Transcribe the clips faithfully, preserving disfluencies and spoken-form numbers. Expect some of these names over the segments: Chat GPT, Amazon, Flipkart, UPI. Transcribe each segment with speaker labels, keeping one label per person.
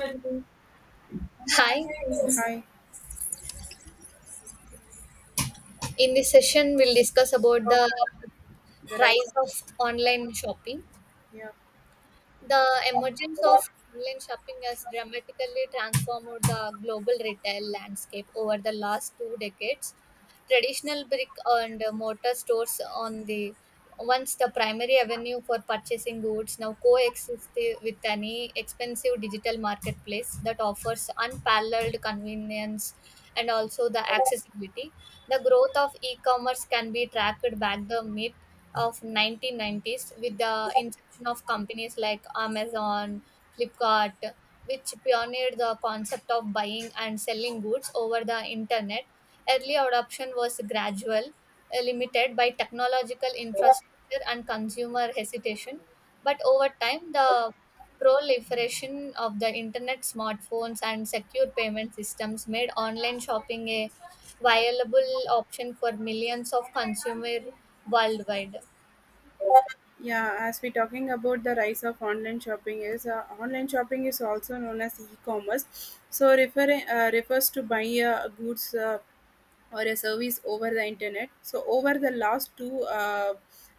Speaker 1: Hi.
Speaker 2: Hi,
Speaker 1: In this session, we'll discuss about
Speaker 2: so
Speaker 1: the
Speaker 2: far the rise
Speaker 1: rise
Speaker 2: of,
Speaker 1: of online shopping.
Speaker 2: yeah.
Speaker 1: The emergence of online shopping has dramatically transformed the global retail landscape over the last two decades. Traditional brick and mortar stores on the once the primary avenue for purchasing goods now coexist with any expensive digital marketplace that offers unparalleled convenience and also the accessibility the growth of e-commerce can be tracked back the mid of nineteen nineties with the inception of companies like Amazon, Flipkart, which pioneered the concept of buying and selling goods over the internet. Early adoption was gradual, uh, limited by technological infrastructure and consumer hesitation, but over time, the proliferation of the internet, smartphones, and secure payment systems made online shopping a viable option for millions of consumers worldwide.
Speaker 2: Yeah, as we're talking about the rise of online shopping is uh, online shopping is also known as e-commerce. So refer uh, refers to buying uh, goods, uh, or a service over the internet. So over the last two uh,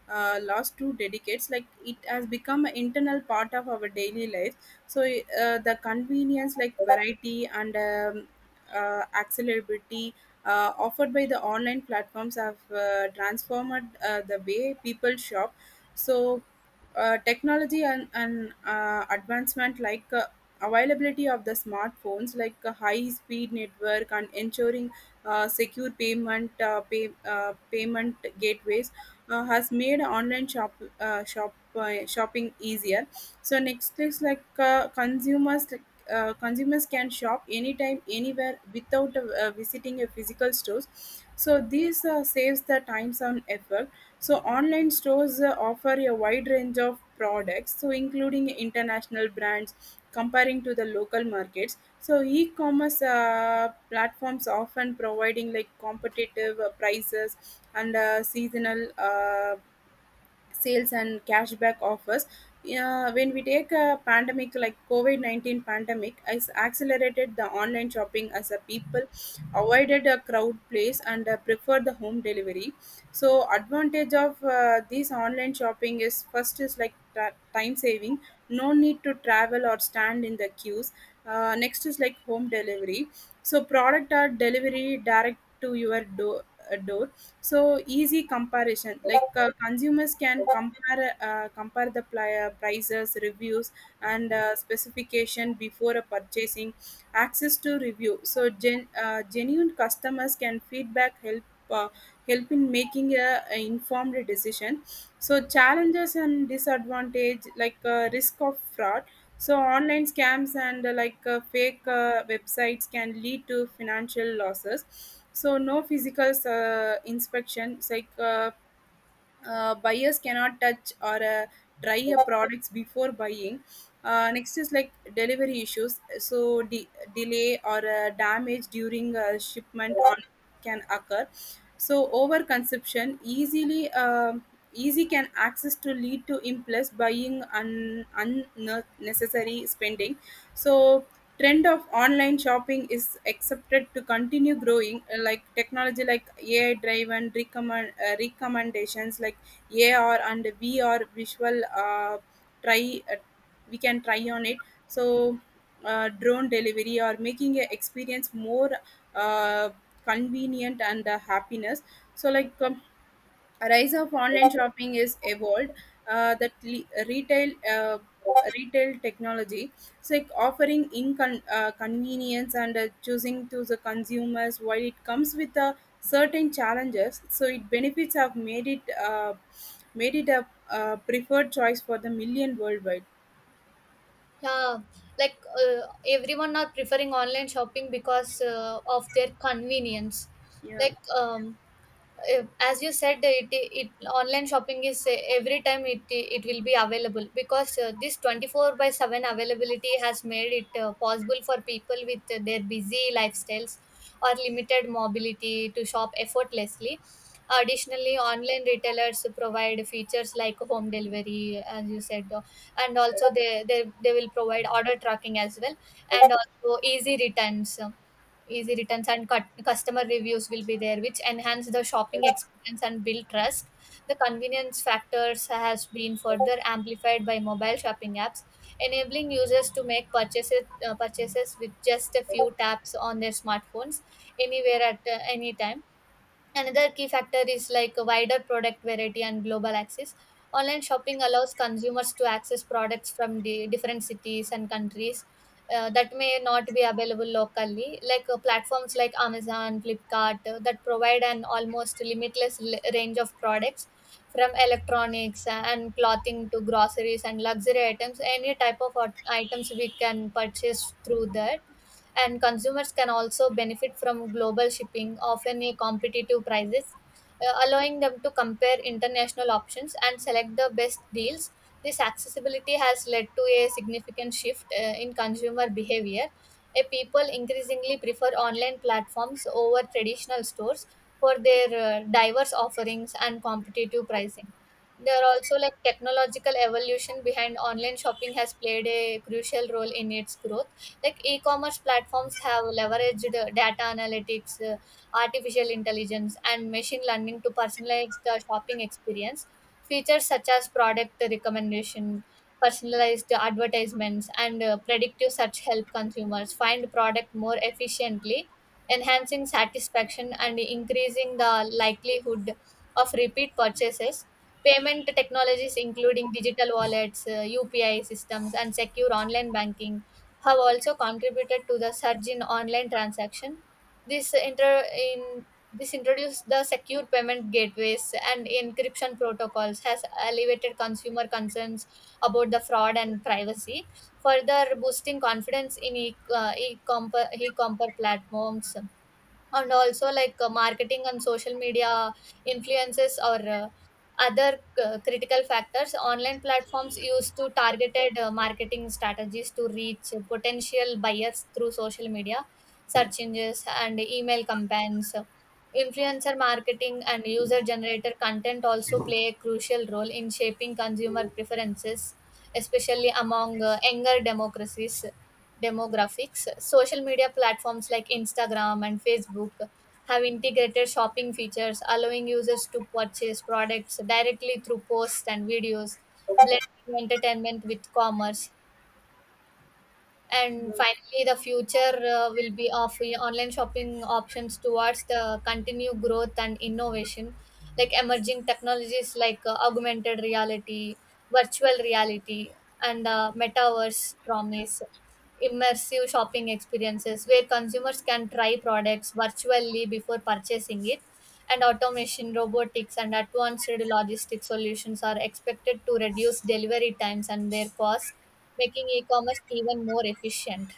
Speaker 2: uh, last two decades, like, it has become an internal part of our daily life. So uh, the convenience, like variety and um, uh, accessibility uh, offered by the online platforms have uh, transformed uh, the way people shop. So uh, technology and, and uh, advancement, like uh, availability of the smartphones, like a high speed network, and ensuring uh, secure payment uh, pay, uh, payment gateways uh, has made online shop uh, shop uh, shopping easier. So next is, like, uh, consumers like, uh, consumers can shop anytime anywhere without uh, visiting a physical stores. So this uh, saves the times and effort. So online stores uh, offer a wide range of products, so including international brands comparing to the local markets. So e-commerce uh, platforms often providing like competitive uh, prices and uh, seasonal uh, sales and cashback offers. Yeah, when we take a pandemic like COVID nineteen pandemic, has accelerated the online shopping as a people avoided a crowd place and uh, preferred the home delivery. So advantage of uh, this online shopping is, first is like ta- time saving, no need to travel or stand in the queues. Uh, next is like home delivery. So product are delivery direct to your door. door So easy comparison, like uh, consumers can compare uh, compare the pli- uh, prices, reviews and uh, specification before a purchasing. Access to review, so gen- uh, genuine customers can feedback help uh, help in making a, a informed decision. So challenges and disadvantage, like uh, risk of fraud. So online scams and, uh, like uh, fake uh, websites can lead to financial losses. So no physical uh, inspection, it's like uh, uh, buyers cannot touch or uh, try a products before buying. Uh, next is like delivery issues, so de- delay or uh, damage during uh, shipment on can occur. So overconsumption, easily um easy can access to lead to impulse buying and unnecessary spending. So trend of online shopping is accepted to continue growing, uh, like technology, like A I driven recommend uh, recommendations, like A R and V R visual, uh, try uh, we can try on it. So uh, drone delivery or making a experience more uh, convenient and uh, happiness. So, like, um, a rise of online shopping is evolved, uh, that le- retail uh, retail technology, so like offering inconvenience uh, convenience and uh, choosing to the consumers while it comes with uh, certain challenges, so it benefits have made it uh, made it a, uh preferred choice for the million worldwide,
Speaker 1: Yeah, like uh, everyone are preferring online shopping because uh, of their convenience,
Speaker 2: yeah.
Speaker 1: like um uh, as you said, uh, it, it online shopping is, uh, every time it it will be available because uh, this twenty-four by seven availability has made it, uh, possible for people with uh, their busy lifestyles or limited mobility to shop effortlessly. Additionally, online retailers provide features like home delivery, as you said, uh, and also they, they they will provide order tracking as well, and also easy returns easy returns and cut customer reviews will be there, which enhance the shopping experience and build trust. The convenience factors has been further amplified by mobile shopping apps, enabling users to make purchases uh, purchases with just a few taps on their smartphones, anywhere at uh, any time. Another key factor is like a wider product variety and global access. Online shopping allows consumers to access products from the different cities and countries uh, that may not be available locally, like uh, platforms like Amazon, Flipkart, uh, that provide an almost limitless l- range of products from electronics and clothing to groceries and luxury items. Any type of ot- items we can purchase through there, and consumers can also benefit from global shipping, often at competitive prices, uh, allowing them to compare international options and select the best deals. This accessibility has led to a significant shift uh, in consumer behavior. A people increasingly prefer online platforms over traditional stores for their uh, diverse offerings and competitive pricing. There are also like technological evolution behind online shopping has played a crucial role in its growth, like e-commerce platforms have leveraged uh, data analytics, uh, artificial intelligence and machine learning to personalize the shopping experience. Features such as product recommendation, personalized advertisements and uh, predictive search help consumers find product more efficiently, enhancing satisfaction and increasing the likelihood of repeat purchases. Payment technologies including digital wallets, uh, UPI systems and secure online banking have also contributed to the surge in online transaction. This inter- in This introduced the secure payment gateways and encryption protocols has elevated consumer concerns about the fraud and privacy, further boosting confidence in e- uh, e-comper e commerce platforms. And also like uh, marketing on social media influences or uh, other uh, critical factors online platforms use to targeted uh, marketing strategies to reach potential buyers through social media, search engines and email campaigns. Influencer marketing and user generated content also play a crucial role in shaping consumer preferences, especially among uh, younger democracies demographics. Social media platforms like Instagram and Facebook have integrated shopping features, allowing users to purchase products directly through posts and videos, blending entertainment with commerce. And finally, the future uh, will be of online shopping options towards the continued growth and innovation, like emerging technologies like uh, augmented reality, virtual reality and uh, metaverse promise immersive shopping experiences where consumers can try products virtually before purchasing it. And automation, robotics, and advanced logistics solutions are expected to reduce delivery times and their cost, making e-commerce even more efficient.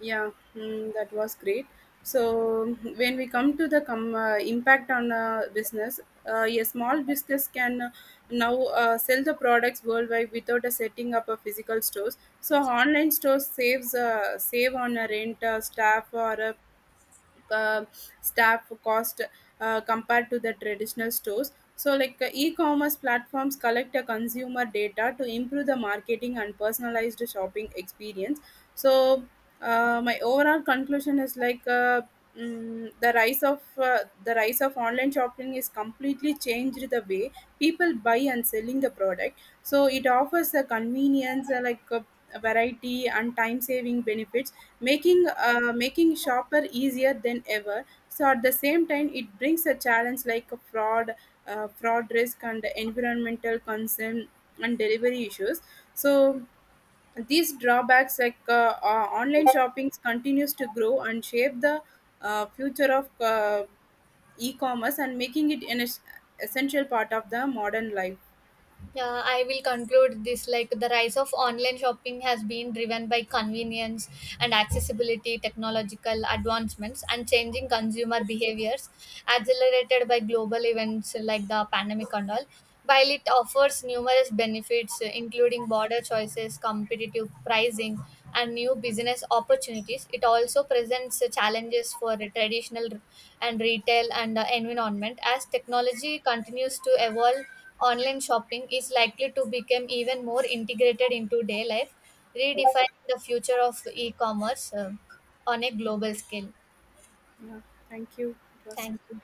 Speaker 2: Yeah, mm, that was great. So when we come to the com- uh, impact on uh, business, uh, a small business can uh, now uh, sell the products worldwide without uh, setting up a physical stores. So online stores saves uh, save on uh, rent, uh, staff, or uh, uh, staff cost uh, compared to the traditional stores, so like uh, e-commerce platforms collect a consumer data to improve the marketing and personalized shopping experience. So uh, my overall conclusion is like uh, mm, the rise of uh, the rise of online shopping is completely changed the way people buy and selling the product. So it offers the convenience, uh, like, uh, variety and time saving benefits, making uh, making shopper easier than ever. So at the same time it brings a challenge like a fraud uh, fraud risk and environmental concern and delivery issues. So these drawbacks, like uh, uh, online shopping continues to grow and shape the uh, future of uh, e-commerce, and making it an es- essential part of the modern life.
Speaker 1: Yeah, I will conclude this like the rise of online shopping has been driven by convenience and accessibility, technological advancements, and changing consumer behaviors, accelerated by global events like the pandemic and all. While it offers numerous benefits, including border choices, competitive price fundraising and new business opportunities. It also presents uh, challenges for the traditional and retail and uh, environment. As technology continues to evolve, online shopping is likely to become even more integrated into day life, redefining the future of e commerce on a global scale.
Speaker 2: Yeah, thank you, it was
Speaker 1: Thank you.